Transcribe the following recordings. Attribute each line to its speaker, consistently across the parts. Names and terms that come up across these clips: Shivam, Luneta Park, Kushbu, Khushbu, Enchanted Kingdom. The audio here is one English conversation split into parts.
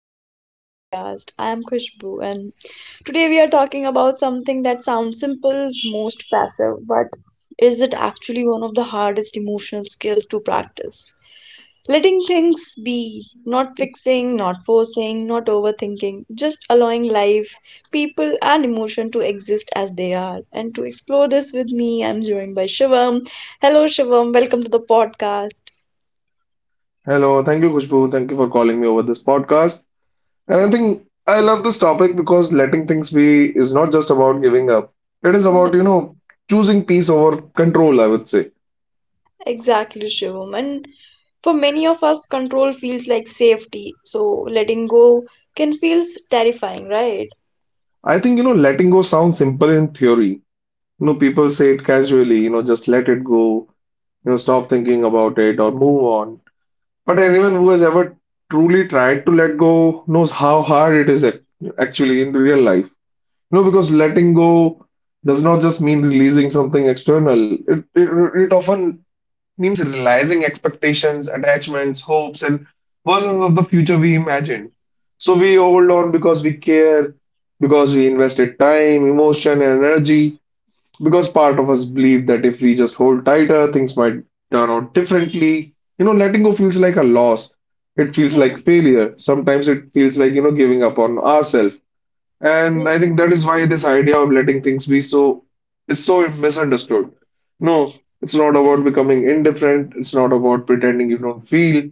Speaker 1: back to the podcast. I am Khushbu and today we are talking about something that sounds simple, most passive, but is it actually one of the hardest emotional skills to practice? Letting things be, not fixing, not forcing, not overthinking, just allowing life, people and emotion to exist as they are. And to explore this with me, I'm joined by Shivam. Hello Shivam, welcome to the podcast.
Speaker 2: Hello, thank you, Kushbu. Thank you for calling me over this podcast. And I
Speaker 1: Yeah.
Speaker 2: think I love this topic because letting things be is not just about giving up. It is about, choosing peace over control, I would say.
Speaker 1: Exactly, Shivam. And for many of us, control feels like safety. So letting go can feel terrifying, right?
Speaker 2: I think, you know, Letting go sounds simple in theory. You know, people say it casually, you know, just let it go, you know, stop thinking about it or move on. But anyone who has ever truly tried to let go knows how hard it is actually in real life. No, because letting go does not just mean releasing something external. It often means realizing expectations, attachments, hopes, and versions of the future we imagined. So we hold on because we care, because we invested time, emotion, and energy, because part of us believe that if we just hold tighter, things might turn out differently. You know, letting go feels like a loss. It feels
Speaker 1: Yeah,
Speaker 2: like failure. Sometimes it feels like, you know, giving up on ourselves. And I
Speaker 1: yes.
Speaker 2: think that is why this idea of letting things be so is so misunderstood. No, it's not about becoming indifferent. It's not about pretending you don't feel.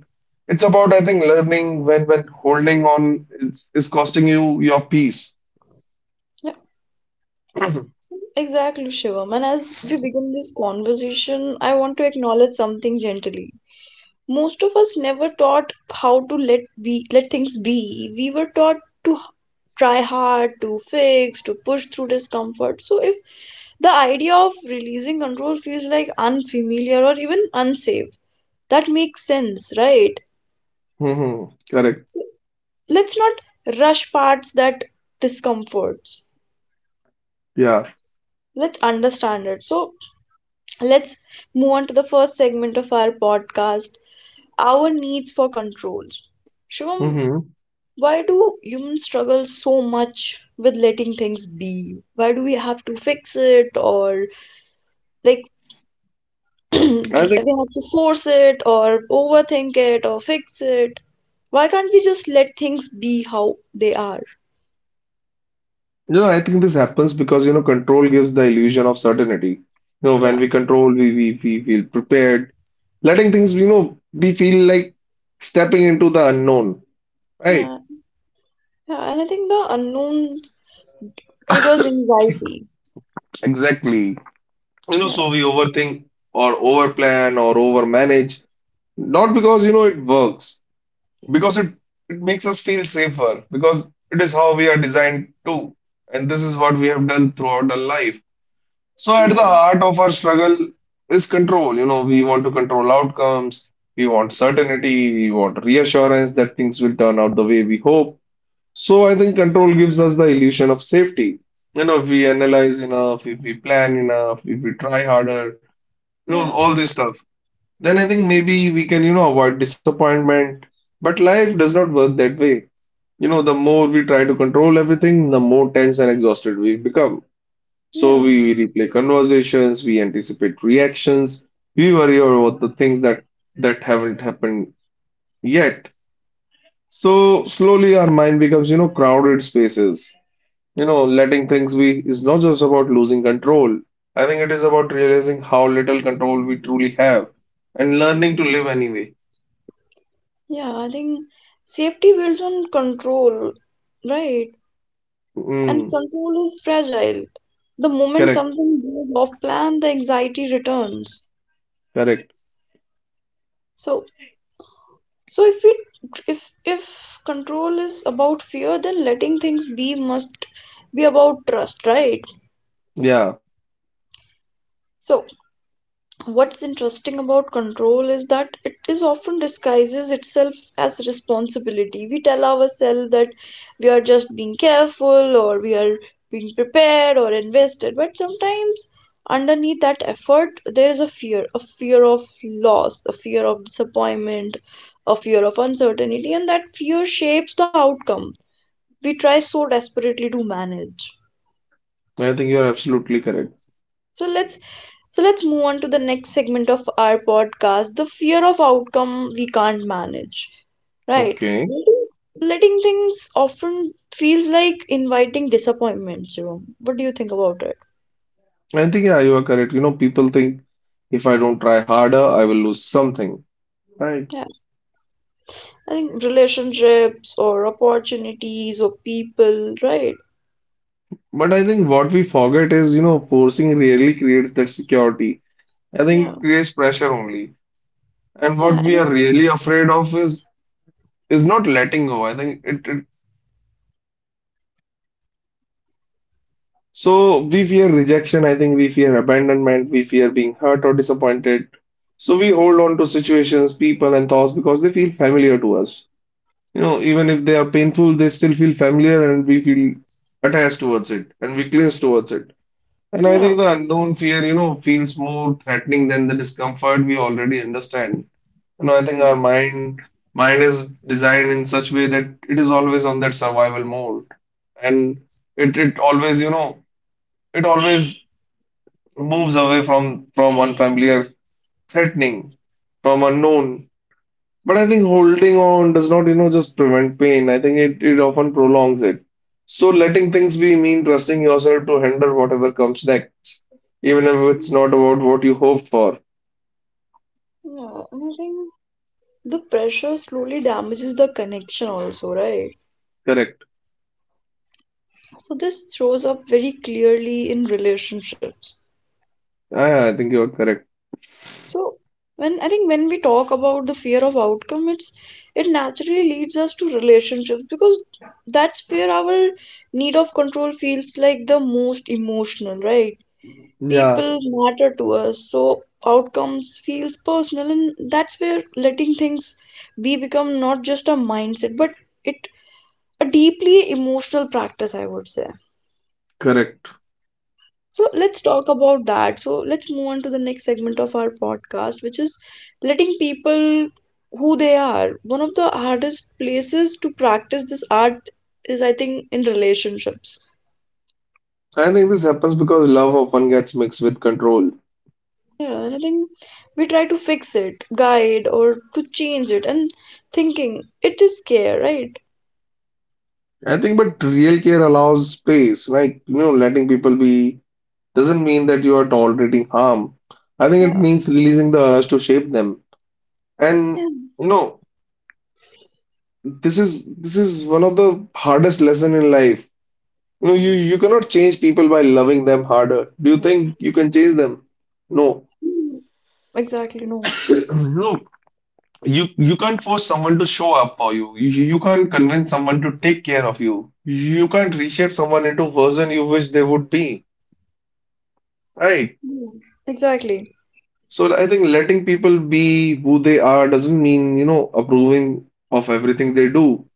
Speaker 2: It's about, I think, learning when holding on is costing you your peace.
Speaker 1: Yeah, exactly, Shivam. And as we begin this conversation, I want to acknowledge something gently. Most of us never taught how to let things be. We were taught to h- try hard, to fix, to push through discomfort. So if the idea of releasing control feels like unfamiliar or even unsafe, that makes sense, right?
Speaker 2: hmm Correct.
Speaker 1: Let's not rush parts that discomforts.
Speaker 2: Yeah.
Speaker 1: Let's understand it. So let's move on to the first segment of our podcast, our needs for controls. Shivam,
Speaker 2: hmm
Speaker 1: why do humans struggle so much with letting things be? Why do we have to fix it, or like
Speaker 2: I
Speaker 1: we
Speaker 2: think,
Speaker 1: have to force it or overthink it or fix it? Why can't we just let things be how they are?
Speaker 2: I think this happens because, you know, control gives the illusion of certainty. You know, when
Speaker 1: yeah
Speaker 2: we control, we feel prepared. Letting things, you know, we feel like stepping into the unknown. Right,
Speaker 1: yeah, Yeah, and I think the unknown triggers anxiety.
Speaker 2: exactly. You know,
Speaker 1: Yeah,
Speaker 2: so we overthink or overplan or overmanage, not because you know it works, because it makes us feel safer, because it is how we are designed to, and this is what we have done throughout our life. So at the
Speaker 1: yeah,
Speaker 2: heart of our struggle is control. You know, we want to control outcomes, we want certainty, we want reassurance that things will turn out the way we hope. So I think control gives us the illusion of safety. You know, if we analyze enough, if we plan enough, if we try harder, you know,
Speaker 1: yeah,
Speaker 2: all this stuff, then I think maybe we can, you know, avoid disappointment. But life does not work that way. You know, the more we try to control everything, the more tense and exhausted we become. So
Speaker 1: yeah,
Speaker 2: we replay conversations, we anticipate reactions, we worry about the things that haven't happened yet. So slowly our mind becomes, you know, crowded spaces. You know, letting things be is not just about losing control. I think it is about realizing how little control we truly have and learning to live anyway.
Speaker 1: yeah. I think safety builds on control, right? And
Speaker 2: Mm,
Speaker 1: control is fragile. The moment
Speaker 2: correct,
Speaker 1: something goes off plan, the anxiety returns.
Speaker 2: correct.
Speaker 1: So, so if it, if control is about fear, then letting things be must be about trust, right?
Speaker 2: Yeah,
Speaker 1: So, what's interesting about control is that it is often disguises itself as responsibility. We tell ourselves that we are just being careful, or we are being prepared or invested, but sometimes underneath that effort there is a fear, a fear of loss, a fear of disappointment, a fear of uncertainty, and that fear shapes the outcome we try so desperately to manage.
Speaker 2: I think you're absolutely correct.
Speaker 1: so let's so let's move on to the next segment of our podcast, the fear of outcome we can't manage, right?
Speaker 2: Okay.
Speaker 1: letting Letting things often feels like inviting disappointments. You know what do you think about it?
Speaker 2: I think, yeah, you are correct. You know, people think if I don't try harder, I will lose something. Right.
Speaker 1: Yeah, I think relationships or opportunities or people, right?
Speaker 2: But I think what we forget is, you know, forcing rarely creates that security. I think
Speaker 1: yeah
Speaker 2: it creates pressure only. And what
Speaker 1: yeah
Speaker 2: we
Speaker 1: and-
Speaker 2: are really afraid of is not letting go. I think it, it it what might happen if we do. So we fear rejection, I think we fear abandonment, we fear being hurt or disappointed. So we hold on to situations, people and thoughts because they feel familiar to us. You know, even if they are painful, they still feel familiar and we feel attached towards it and we cling towards it. And I
Speaker 1: yeah
Speaker 2: think the unknown fear, you know, feels more threatening than the discomfort we already understand. You know, I think our
Speaker 1: Mm.
Speaker 2: mind mind is designed in such way that it is always on that survival mode, and it always you know it always moves away from unfamiliar, threatening, from unknown. But I think holding on does not you know just prevent pain. I think it often prolongs it. So letting things be mean trusting yourself to handle whatever comes next, even if it's not about what you hoped for.
Speaker 1: Yeah, and I think the pressure slowly damages the connection also, right?
Speaker 2: Correct.
Speaker 1: So this shows up very clearly in relationships.
Speaker 2: Yeah, I think you're correct.
Speaker 1: So when I think when we talk about the fear of outcome, it naturally leads us to relationships because that's where our need of control feels like the most emotional, right?
Speaker 2: Yeah.
Speaker 1: People matter to us, so outcomes feels personal, and that's where letting things be become not just a mindset, but it a deeply emotional practice, I would say.
Speaker 2: Correct.
Speaker 1: So let's talk about that. So let's move on to the next segment of our podcast, which is letting people who they are. One of the hardest places to practice this art is, I think, in relationships.
Speaker 2: I think this happens because love often gets mixed with control.
Speaker 1: Yeah, and I think we try to fix it, guide, or to change it, and thinking it is care, right?
Speaker 2: I think, but real care allows space, right? You know, letting people be doesn't mean that you are tolerating harm. I think it
Speaker 1: Yeah.
Speaker 2: means releasing the urge to shape them. And
Speaker 1: Yeah.
Speaker 2: you know, this is one of the hardest lesson in life. You know, you cannot change people by loving them harder. Do you think you can change them? No.
Speaker 1: Mm. Exactly. No.
Speaker 2: No, you can't force someone to show up for you. You can't convince someone to take care of you. You can't reshape someone into version you wish they would be, right?
Speaker 1: Yeah. Exactly.
Speaker 2: So I think letting people be who they are doesn't mean, you know, approving of everything they do.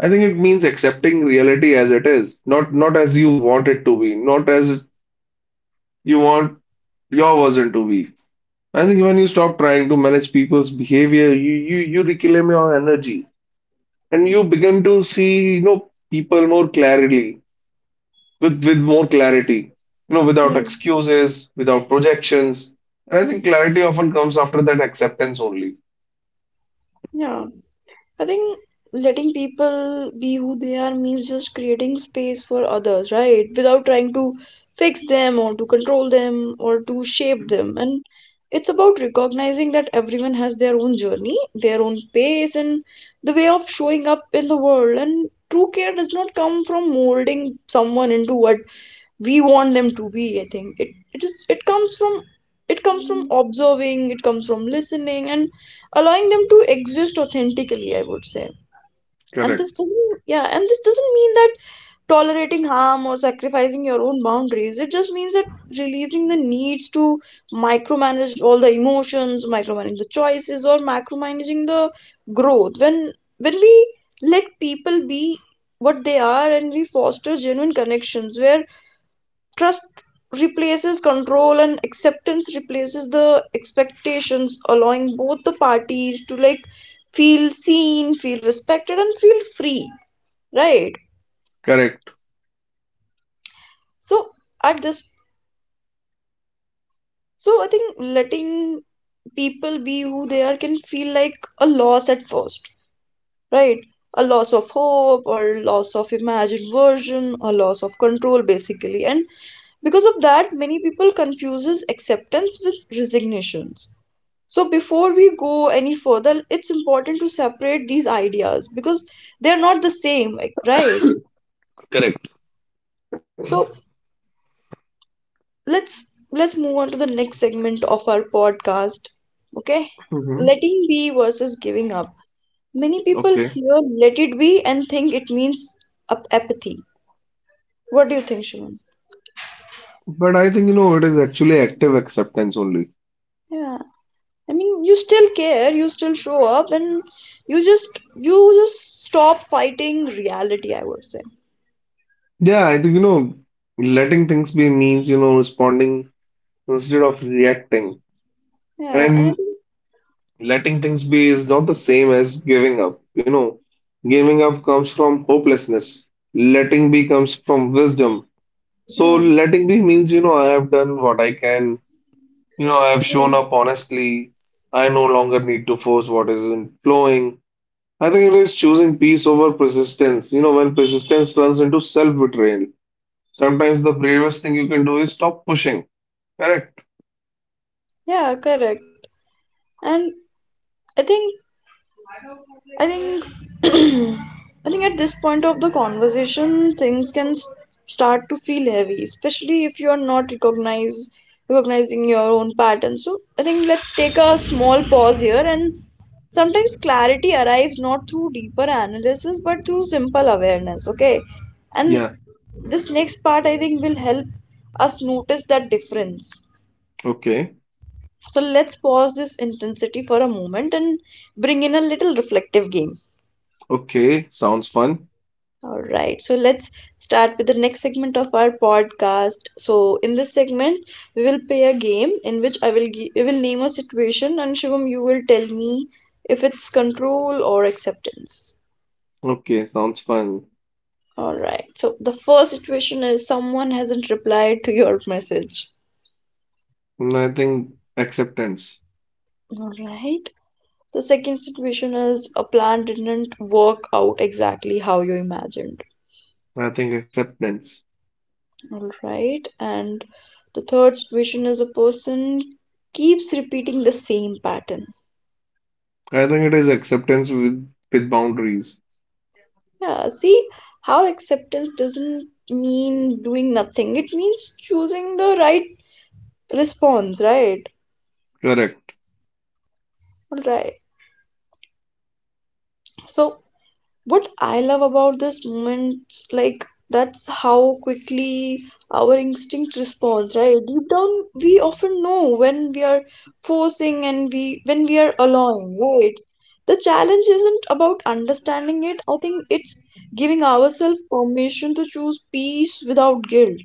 Speaker 2: I think it means accepting reality as it is, not as you want it to be, not as you want your version to be. I think when you stop trying to manage people's behavior, you reclaim your energy. And you begin to see you know people more clarity with more clarity, you know, without
Speaker 1: Yeah.
Speaker 2: excuses, without projections. And I think clarity often comes after that acceptance only.
Speaker 1: Yeah. I think letting people be who they are means just creating space for others, right? Without trying to fix them or to control them or to shape them. And it's about recognizing that everyone has their own journey, their own pace, and the way of showing up in the world. And true care does not come from molding someone into what we want them to be. I think it it is It comes from, it comes from observing, it comes from listening and allowing them to exist authentically, I would say. And this
Speaker 2: Correct.
Speaker 1: doesn't, yeah, and this doesn't mean that tolerating harm or sacrificing your own boundaries. It just means that releasing the needs to micromanage all the emotions, micromanaging the choices, or macromanaging the growth. When we let people be what they are, and we foster genuine connections where trust replaces control and acceptance replaces the expectations, allowing both the parties to like feel seen, feel respected, and feel free, right?
Speaker 2: Correct.
Speaker 1: So, at this, so I think letting people be who they are can feel like a loss at first, right? A loss of hope, or loss of imagined version, or loss of control, basically. And because of that, many people confuses acceptance with resignations. So before we go any further, it's important to separate these ideas because they are not the same, like, right?
Speaker 2: Correct.
Speaker 1: So let's move on to the next segment of our podcast. Okay?
Speaker 2: hmm
Speaker 1: Letting be versus giving up. Many people
Speaker 2: okay.
Speaker 1: hear let it be and think it means apathy. What do you think, Shimon?
Speaker 2: But I think you know it is actually active acceptance only.
Speaker 1: Yeah. I mean, you still care, you still show up, and you just stop fighting reality, I would say.
Speaker 2: Yeah, I think you know letting things be means you know responding instead of reacting.
Speaker 1: Yeah, and I
Speaker 2: And
Speaker 1: think
Speaker 2: letting things be is not the same as giving up. You know, giving up comes from hopelessness. Letting be comes from wisdom. So
Speaker 1: yeah.
Speaker 2: letting be means, you know, I have done what I can. You know, I have shown
Speaker 1: Yeah.
Speaker 2: up honestly. I no longer need to force what isn't flowing. I think it is choosing peace over persistence. You know, when persistence turns into self-betrayal, sometimes the bravest thing you can do is stop pushing. Correct?
Speaker 1: Yeah, correct. And I think I think I think at this point of the conversation, things can start to feel heavy, especially if you are not recognize recognizing your own pattern. So I think let's take a small pause here. And sometimes clarity arrives not through deeper analysis, but through simple awareness. Okay, and
Speaker 2: Yeah.
Speaker 1: this next part I think will help us notice that difference.
Speaker 2: Okay.
Speaker 1: So let's pause this intensity for a moment and bring in a little reflective game.
Speaker 2: Okay. Sounds fun.
Speaker 1: All right, so let's start with the next segment of our podcast. So in this segment, we will play a game in which I will name a situation and Shivam, you will tell me if it's control or acceptance.
Speaker 2: Okay. Sounds fun.
Speaker 1: All right, so the first situation is someone hasn't replied to your message.
Speaker 2: Mm, I think acceptance.
Speaker 1: All right. The second situation is a plan didn't work out exactly how you imagined.
Speaker 2: I think acceptance.
Speaker 1: All right. And the third situation is a person keeps repeating the same pattern.
Speaker 2: I think it is acceptance with boundaries.
Speaker 1: Yeah, see how acceptance doesn't mean doing nothing, it means choosing the right response, right?
Speaker 2: Correct.
Speaker 1: All right. So, what I love about this moment, like that's how quickly our instinct responds, right? Deep down, we often know when we are forcing and we when we are allowing, right? The challenge isn't about understanding it. I think it's giving ourselves permission to choose peace without guilt.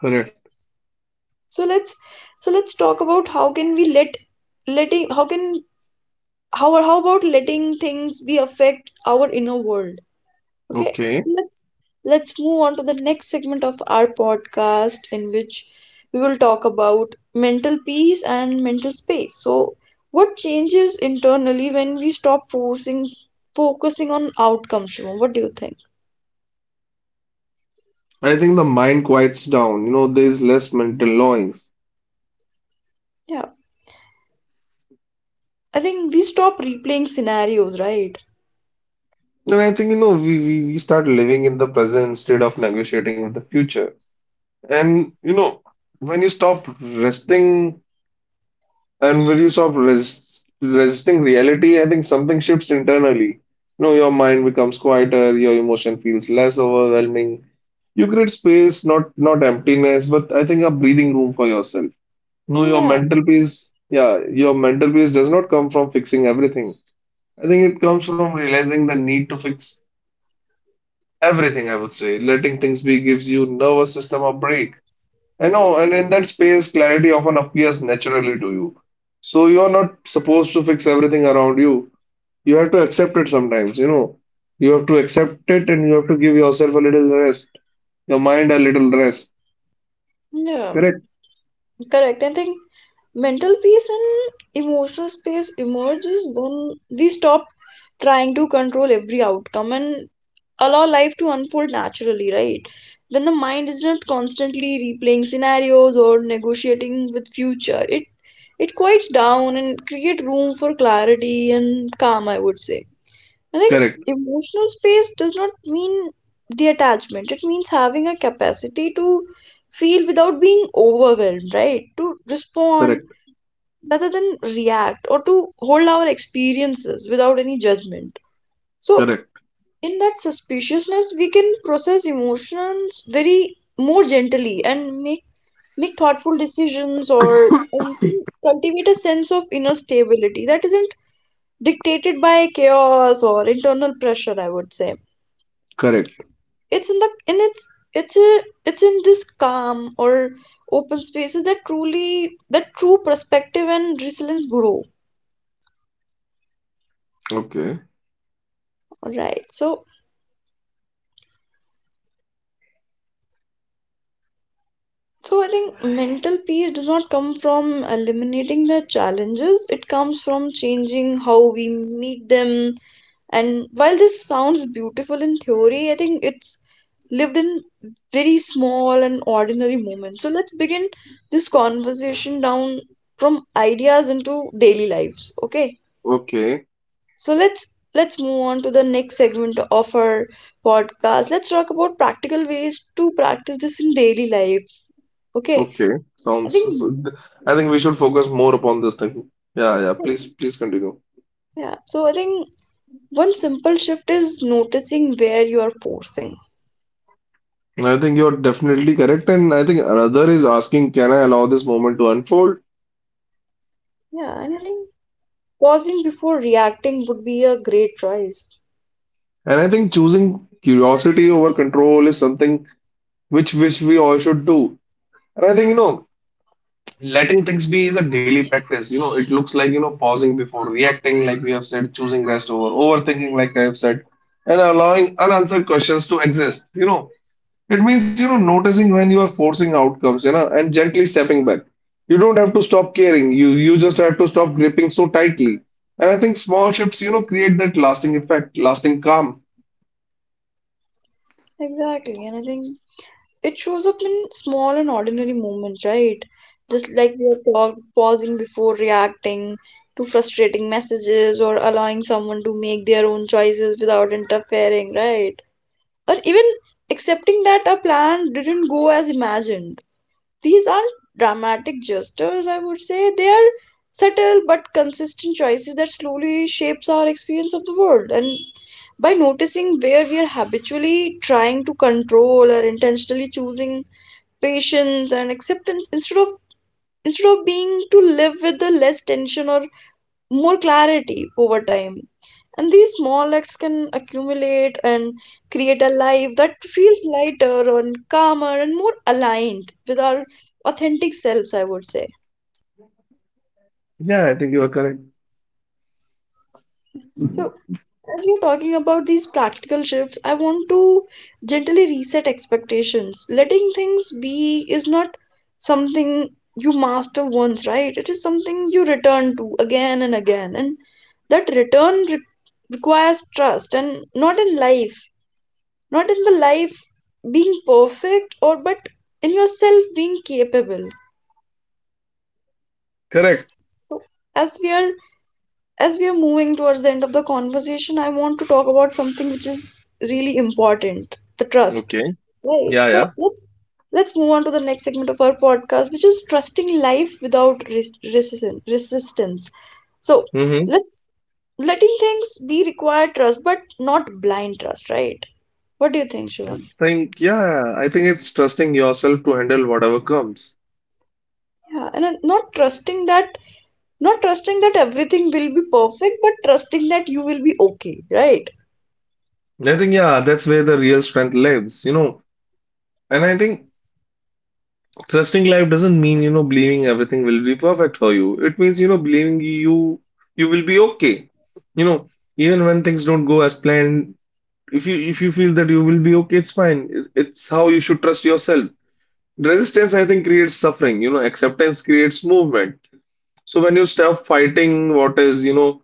Speaker 2: Correct.
Speaker 1: So let's so let's talk about how can we let letting how can how about letting things be affect our inner world. Okay,
Speaker 2: Okay.
Speaker 1: so let's move on to the next segment of our podcast in which we will talk about mental peace and mental space. So, what changes internally when we stop forcing focusing on outcomes, Shubham? What do you think?
Speaker 2: I think the mind quiets down. You know, there's less mental noise.
Speaker 1: Yeah, I think we stop replaying scenarios, right?
Speaker 2: And I think, you know, we start living in the present instead of negotiating with the future. And, you know, when you stop resting. And when you stop resisting reality, I think something shifts internally. You know, your mind becomes quieter, your emotion feels less overwhelming. You create space, not emptiness, but I think a breathing room for yourself. No,
Speaker 1: Yeah,
Speaker 2: your mental peace does not come from fixing everything. I think it comes from realizing the need to fix everything, I would say. Letting things be gives you nervous system a break. I know, and in that space, clarity often appears naturally to you. So you are not supposed to fix everything around you. You have to accept it sometimes, you know. You have to accept it and you have to give yourself a little rest, your mind a little rest.
Speaker 1: yeah,
Speaker 2: Correct?
Speaker 1: Correct. I think mental peace and emotional space emerges when we stop trying to control every outcome and allow life to unfold naturally, right? When the mind is not constantly replaying scenarios or negotiating with future, it quiets down and create room for clarity and calm, I would say. I think
Speaker 2: Correct.
Speaker 1: emotional space does not mean detachment. It means having a capacity to feel without being overwhelmed, right? To respond
Speaker 2: Correct.
Speaker 1: rather than react, or to hold our experiences without any judgment. So
Speaker 2: Correct.
Speaker 1: in that suspiciousness we can process emotions very more gently and make thoughtful decisions, or and can cultivate a sense of inner stability that isn't dictated by chaos or internal pressure, I would say.
Speaker 2: Correct.
Speaker 1: It's in the in its it's a, It's in this calm or open spaces that truly that true perspective and resilience grow.
Speaker 2: Okay.
Speaker 1: All right, so so I think mental peace does not come from eliminating the challenges. It comes from changing how we meet them. And while this sounds beautiful in theory, I think it's lived in very small and ordinary moments. So let's begin this conversation down from ideas into daily lives. Okay.
Speaker 2: Okay.
Speaker 1: So let's move on to the next segment of our podcast. Let's talk about practical ways to practice this in daily life. Okay.
Speaker 2: Okay.
Speaker 1: I
Speaker 2: Sounds.
Speaker 1: think
Speaker 2: so- I think we should focus more upon this thing. Yeah, yeah. Please, please continue.
Speaker 1: Yeah, so I think one simple shift is noticing where you are forcing.
Speaker 2: I think you're definitely correct, and I think another is asking, can I allow this moment to unfold?
Speaker 1: Yeah, and I think pausing before reacting would be a great choice.
Speaker 2: And I think choosing curiosity over control is something which we all should do. And I think, you know, letting things be is a daily practice. You know, it looks like, you know, pausing before reacting, like we have said, choosing rest over overthinking, like I have said, and allowing unanswered questions to exist. You know, it means, you know, noticing when you are forcing outcomes, you know, and gently stepping back. You don't have to stop caring. You just have to stop gripping so tightly. And I think small shifts, you know, create that lasting effect, lasting calm.
Speaker 1: Exactly, and I think it shows up in small and ordinary moments, right? Just like we have talked, pausing before reacting to frustrating messages, or allowing someone to make their own choices without interfering, right? Or even accepting that a plan didn't go as imagined. These aren't dramatic gestures, I would say. They are subtle but consistent choices that slowly shapes our experience of the world. And by noticing where we are habitually trying to control or intentionally choosing patience and acceptance instead of being to live with the less tension or more clarity over time, and these small acts can accumulate and create a life that feels lighter and calmer and more aligned with our authentic selves, I would say.
Speaker 2: Yeah, I think you are correct.
Speaker 1: So, as we're talking about these practical shifts, I want to gently reset expectations. Letting things be is not something you master once, right? It is something you return to again and again. And that return requires trust, and not in life, not in the life being perfect, or but in yourself being capable.
Speaker 2: Correct.
Speaker 1: So as we are as we are moving towards the end of the conversation, I want to talk about something which is really important: the trust,
Speaker 2: Okay.
Speaker 1: right?
Speaker 2: Yeah,
Speaker 1: So
Speaker 2: yeah.
Speaker 1: let's move on to the next segment of our podcast, which is trusting life without resistance. so
Speaker 2: Mm-hmm.
Speaker 1: let's letting things be require trust, but not blind trust, right? What do you think,
Speaker 2: I
Speaker 1: Shivam?
Speaker 2: think, yeah, I think it's trusting yourself to handle whatever comes.
Speaker 1: Yeah, and not trusting that everything will be perfect, but trusting that you will be okay, right?
Speaker 2: I think, yeah, that's where the real strength lives, you know. And I think trusting life doesn't mean, you know, believing everything will be perfect for you. It means, you know, believing you will be okay. You know, even when things don't go as planned, if you feel that you will be okay, it's fine. It's how you should trust yourself. Resistance, I think, creates suffering. You know, acceptance creates movement. So when you stop fighting what is, you know,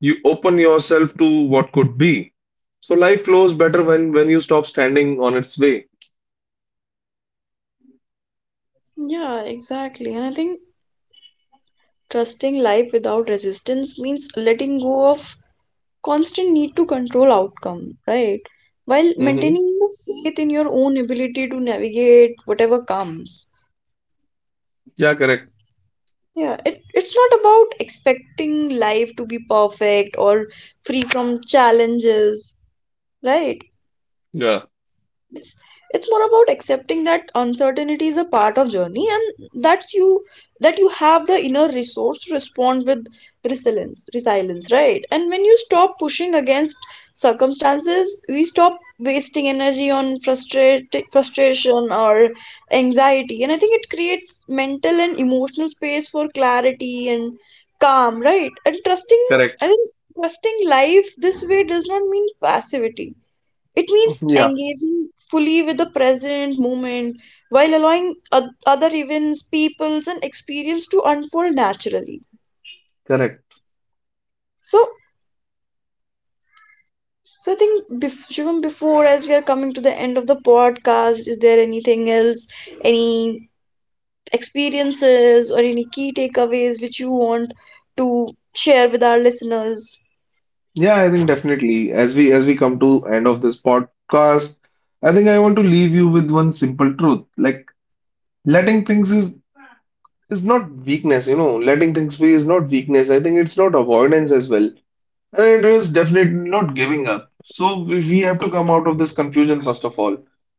Speaker 2: you open yourself to what could be. So life flows better when you stop standing on its way.
Speaker 1: Yeah, exactly. And I think trusting life without resistance means letting go of constant need to control outcome, right? While maintaining
Speaker 2: Mm-hmm.
Speaker 1: the faith in your own ability to navigate whatever comes.
Speaker 2: Yeah, correct.
Speaker 1: Yeah, it's not about expecting life to be perfect or free from challenges, right?
Speaker 2: Yeah,
Speaker 1: it's it's more about accepting that uncertainty is a part of journey, and that you have the inner resource to respond with resilience, right? And when you stop pushing against circumstances, we stop wasting energy on frustration or anxiety, and I think it creates mental and emotional space for clarity and calm, right? And trusting
Speaker 2: correct.
Speaker 1: I think trusting life this way does not mean passivity. It means
Speaker 2: Yeah,
Speaker 1: engaging fully with the present moment, while allowing other events, peoples, and experience to unfold naturally.
Speaker 2: correct.
Speaker 1: So, so, I think, Shivam, before, as we are coming to the end of the podcast, is there anything else, any experiences or any key takeaways which you want to share with our listeners?
Speaker 2: Yeah, I think definitely. As we come to end of this podcast, I think I want to leave you with one simple truth. Like letting things is not weakness, you know. Letting things be is not weakness. I think it's not avoidance as well. It is definitely not giving up. So we have to come out of this confusion first of all.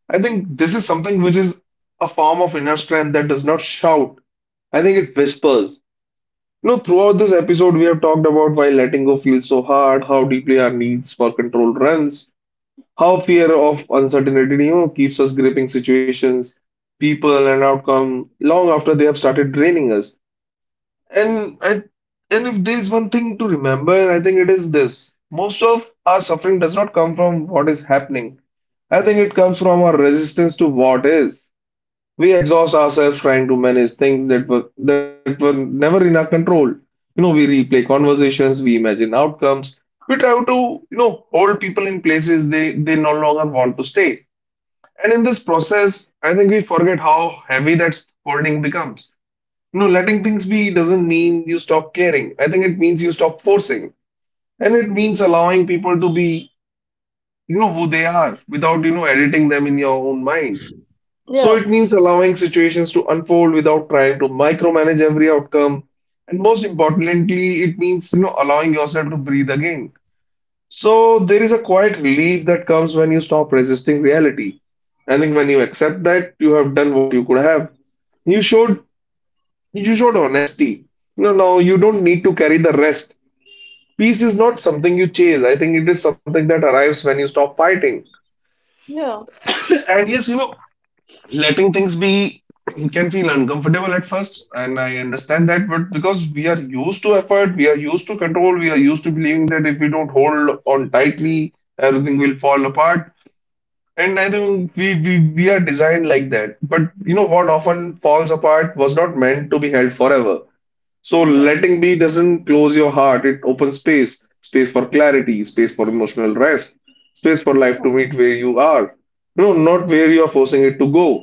Speaker 2: I think this is something which is a form of inner strength that does not shout. I think it whispers. You know, throughout this episode, we have talked about why letting go feels so hard, how deeply our needs for control runs, how fear of uncertainty, you know, keeps us gripping situations, people, and outcome long after they have started draining us. And I, and if there's one thing to remember, I think it is this. Most of our suffering does not come from what is happening. I think it comes from our resistance to what is. We exhaust ourselves trying to manage things that were never in our control. You know, we replay conversations, we imagine outcomes, we try to hold people in places they no longer want to stay. And in this process, I think we forget how heavy that holding becomes. No, letting things be doesn't mean you stop caring. I think it means you stop forcing. And it means allowing people to be, you know, who they are without, you know, editing them in your own mind. So
Speaker 1: Yeah,
Speaker 2: it means allowing situations to unfold without trying to micromanage every outcome. And most importantly, it means, you know, allowing yourself to breathe again. So there is a quiet relief that comes when you stop resisting reality. I think when you accept that, you have done what you could have. You showed you showed honesty. No, no, you don't need to carry the rest. Peace is not something you chase. I think it is something that arrives when you stop fighting.
Speaker 1: yeah,
Speaker 2: And yes, you know, letting things be can feel uncomfortable at first, and I understand that, but because we are used to effort, we are used to control, we are used to believing that if we don't hold on tightly, everything will fall apart. And I think we are designed like that. But you know what often falls apart was not meant to be held forever. So
Speaker 1: yeah,
Speaker 2: letting be doesn't close your heart, it opens space, space for clarity, space for emotional rest, space for life to
Speaker 1: yeah,
Speaker 2: meet where you are. You know, not where you are forcing it to go.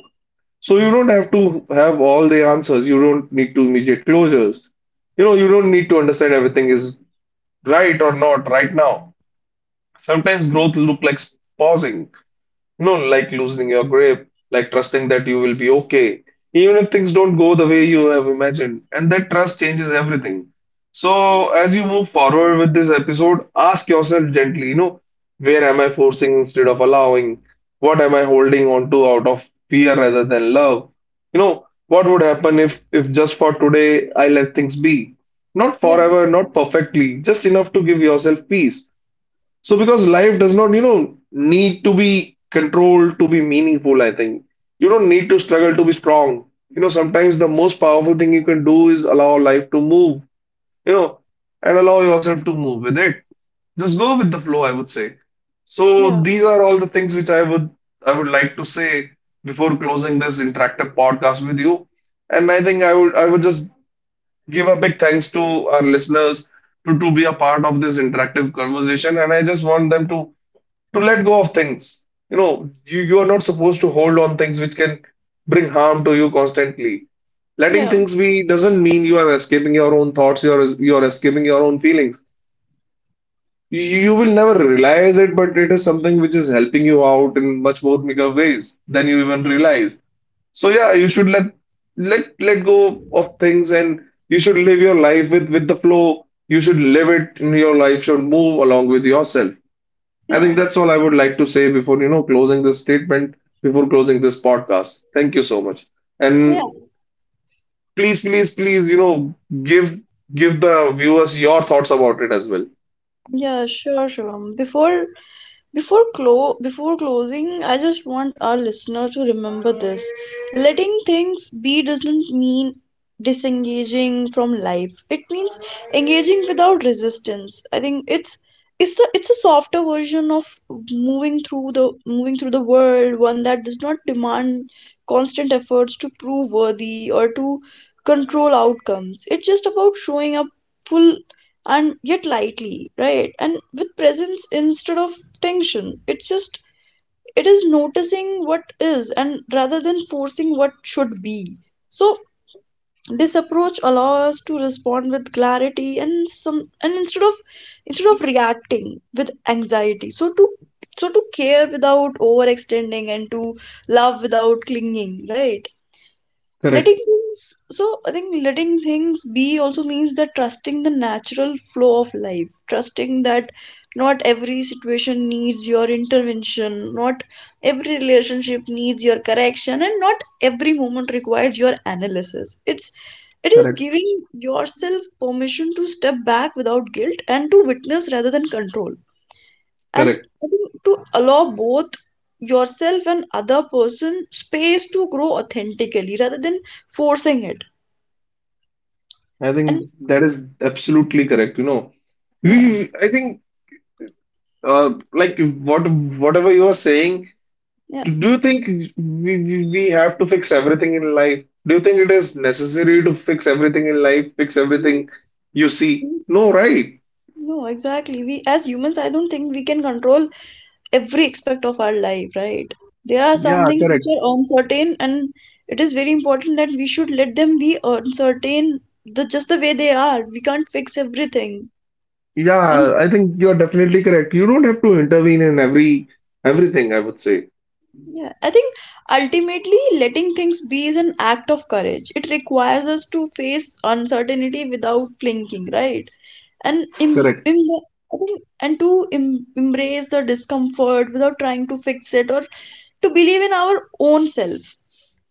Speaker 2: So you don't have to have all the answers. You don't need to immediate closures. You know, you don't need to understand everything is right or not right now. Sometimes growth look like pausing. No, like loosening your grip, like trusting that you will be okay, even if things don't go the way you have imagined. And that trust changes everything. So, as you move forward with this episode, ask yourself gently, you know, where am I forcing instead of allowing? What am I holding on to out of fear rather than love? You know, what would happen if just for today I let things be? Not
Speaker 1: yeah, yeah,
Speaker 2: forever, not perfectly, just enough to give yourself peace. So because life does not, you know, need to be controlled to be meaningful, I think. You don't need to struggle to be strong. You know, sometimes the most powerful thing you can do is allow life to move, you know, and allow yourself to move with it. Just go with the flow, I would say. So
Speaker 1: yeah,
Speaker 2: these are all the things which I would like to say before closing this interactive podcast with you. And I think I would just give a big thanks to our listeners to be a part of this interactive conversation. And I just want them to let go of things. You know, you are not supposed to hold on things which can bring harm to you constantly. Letting
Speaker 1: yeah,
Speaker 2: things be doesn't mean you are escaping your own thoughts, you are escaping your own feelings. You will never realize it, but it is something which is helping you out in much more bigger ways than you even realize. So yeah, you should let go of things and you should live your life with the flow. You should live it in your life, should move along with yourself. I think that's all I would like to say before, you know, closing this statement, before closing this podcast. Thank you so much.
Speaker 1: yeah,
Speaker 2: And please, please, please, you know, give give the viewers your thoughts about it as well.
Speaker 1: yeah, yeah. Sure, Shivam. Before before closing, I just want our listener to remember this. Letting things be doesn't mean disengaging from life. It means engaging without resistance. I think it's a softer version of moving through the world, one that does not demand constant efforts to prove worthy or to control outcomes. It's just about showing up full and yet lightly, right? And with presence instead of tension. It is noticing what is, and rather than forcing what should be. So, this approach allows us to respond with clarity and some, and instead of reacting with anxiety, so to care without overextending, and to love without clinging, right? letting
Speaker 2: Correct,
Speaker 1: things so I think letting things be also means that trusting the natural flow of life, trusting that not every situation needs your intervention, not every relationship needs your correction, and not every moment requires your analysis. It is
Speaker 2: correct,
Speaker 1: giving yourself permission to step back without guilt, and to witness rather than control. And
Speaker 2: correct.
Speaker 1: I think to allow both yourself and other person space to grow authentically, rather than forcing it.
Speaker 2: I
Speaker 1: And
Speaker 2: think that is absolutely correct, you know.
Speaker 1: yeah.
Speaker 2: We, I think, like what whatever you are saying,
Speaker 1: Yeah,
Speaker 2: do you think we have to fix everything in life? Do you think it is necessary to fix everything in life, fix
Speaker 1: no,
Speaker 2: everything you see?
Speaker 1: mm,
Speaker 2: No, right?
Speaker 1: no, exactly, we as humans, I don't think we can control every aspect of our life, right? There are some
Speaker 2: Yeah,
Speaker 1: things which
Speaker 2: correct.
Speaker 1: are uncertain, and it is very important that we should let them be uncertain, the just the way they are. We can't fix everything. And
Speaker 2: Yeah, I think you're definitely correct. You don't have to intervene in every everything, I would say.
Speaker 1: yeah, I think ultimately letting things be is an act of courage. It requires us to face uncertainty without flinching, right? And im
Speaker 2: Correct.
Speaker 1: im I think, and to im embrace the discomfort without trying to fix it, or to believe in our own self.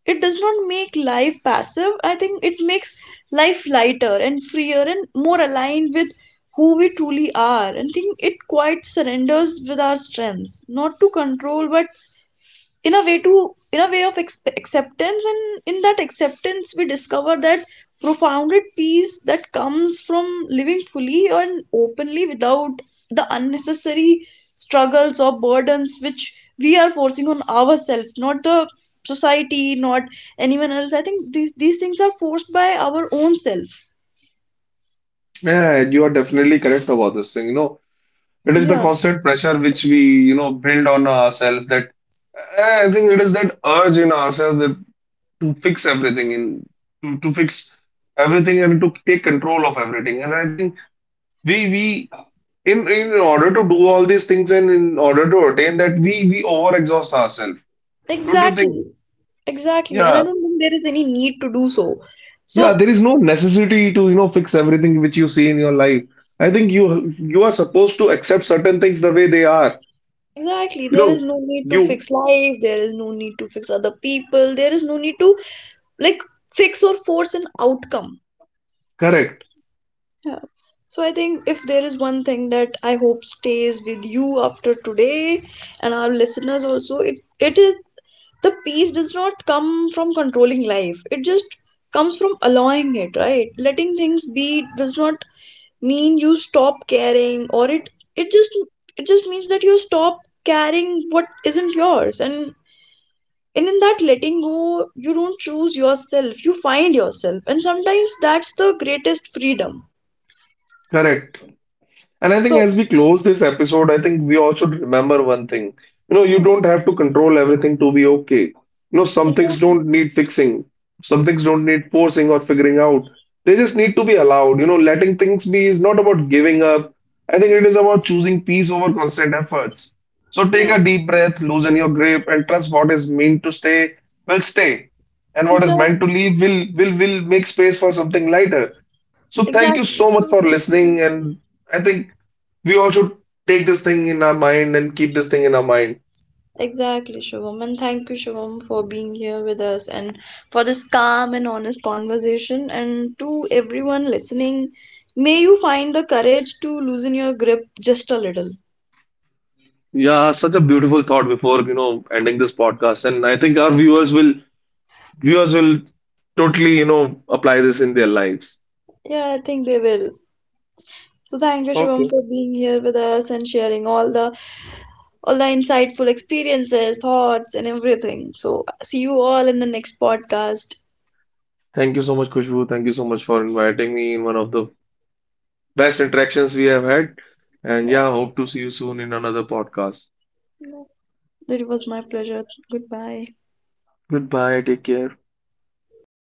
Speaker 1: It does not make life passive. I think it makes life lighter and freer and more aligned with who we truly are. And think it quite surrenders with our strengths, not to control, but in a way to in a way of acceptance. And in that acceptance we discover that profounded peace that comes from living fully and openly without the unnecessary struggles or burdens which we are forcing on ourselves, not the society, not anyone else. I think these things are forced by our own self.
Speaker 2: Yeah, you are definitely correct about this thing. You know, it is the
Speaker 1: Yeah,
Speaker 2: constant pressure which we, you know, build on ourselves that I think it is that urge in ourselves that to fix everything in to fix everything and to take control of everything. And I think we in order to do all these things and in order to attain that we overexhaust ourselves. Don't you think?
Speaker 1: exactly. Exactly, and I
Speaker 2: Yeah.
Speaker 1: don't think there is any need to do so.
Speaker 2: Yeah,
Speaker 1: So
Speaker 2: there is no necessity to, you know, fix everything which you see in your life. I think you are supposed to accept certain things the way they are.
Speaker 1: exactly,
Speaker 2: You
Speaker 1: there is
Speaker 2: know,
Speaker 1: no need to
Speaker 2: you
Speaker 1: fix life. There is no need to fix other people. There is no need to, like, fix or force an outcome.
Speaker 2: correct,
Speaker 1: Yeah. So I think if there is one thing that I hope stays with you after today and our listeners also, it is the peace does not come from controlling life. It just comes from allowing it, right? Letting things be does not mean you stop caring, or it just it just means that you stop caring what isn't yours, and in that letting go, you don't choose yourself, you find yourself. And sometimes that's the greatest freedom.
Speaker 2: correct. And I think
Speaker 1: So
Speaker 2: as we close this episode, I think we all should remember one thing. You know, you
Speaker 1: yeah,
Speaker 2: don't have to control everything to be okay. You know, some things
Speaker 1: exactly.
Speaker 2: don't need fixing, some things don't need forcing or figuring out. They just need to be allowed. You know, letting things be is not about giving up. I think it is about choosing peace over constant efforts. So take
Speaker 1: Yeah,
Speaker 2: a deep breath, loosen your grip, and trust what is meant to stay will stay. And what is meant
Speaker 1: exactly,
Speaker 2: to leave will make space for something lighter. So thank you
Speaker 1: exactly.
Speaker 2: so much for listening and I think we all should take this thing in our mind and keep this thing in our mind.
Speaker 1: Exactly, Shivam, and thank you, Shivam, for being here with us, and for this calm and honest conversation. And to everyone listening, may you find the courage to loosen your grip just a little.
Speaker 2: Yeah, such a beautiful thought before, you know, ending this podcast. And I think our viewers will totally, you know, apply this in their lives.
Speaker 1: Yeah, I think they will. So thank you, Shivam,
Speaker 2: Okay.
Speaker 1: for being here with us and sharing all the insightful experiences, thoughts, and everything. So, see you all in the next podcast.
Speaker 2: Thank you so much, Kushbu. Thank you so much for inviting me in one of the best interactions we have had. And yeah,
Speaker 1: Yes,
Speaker 2: hope to see you soon in another podcast.
Speaker 1: it was my pleasure. Goodbye.
Speaker 2: Goodbye. Take care.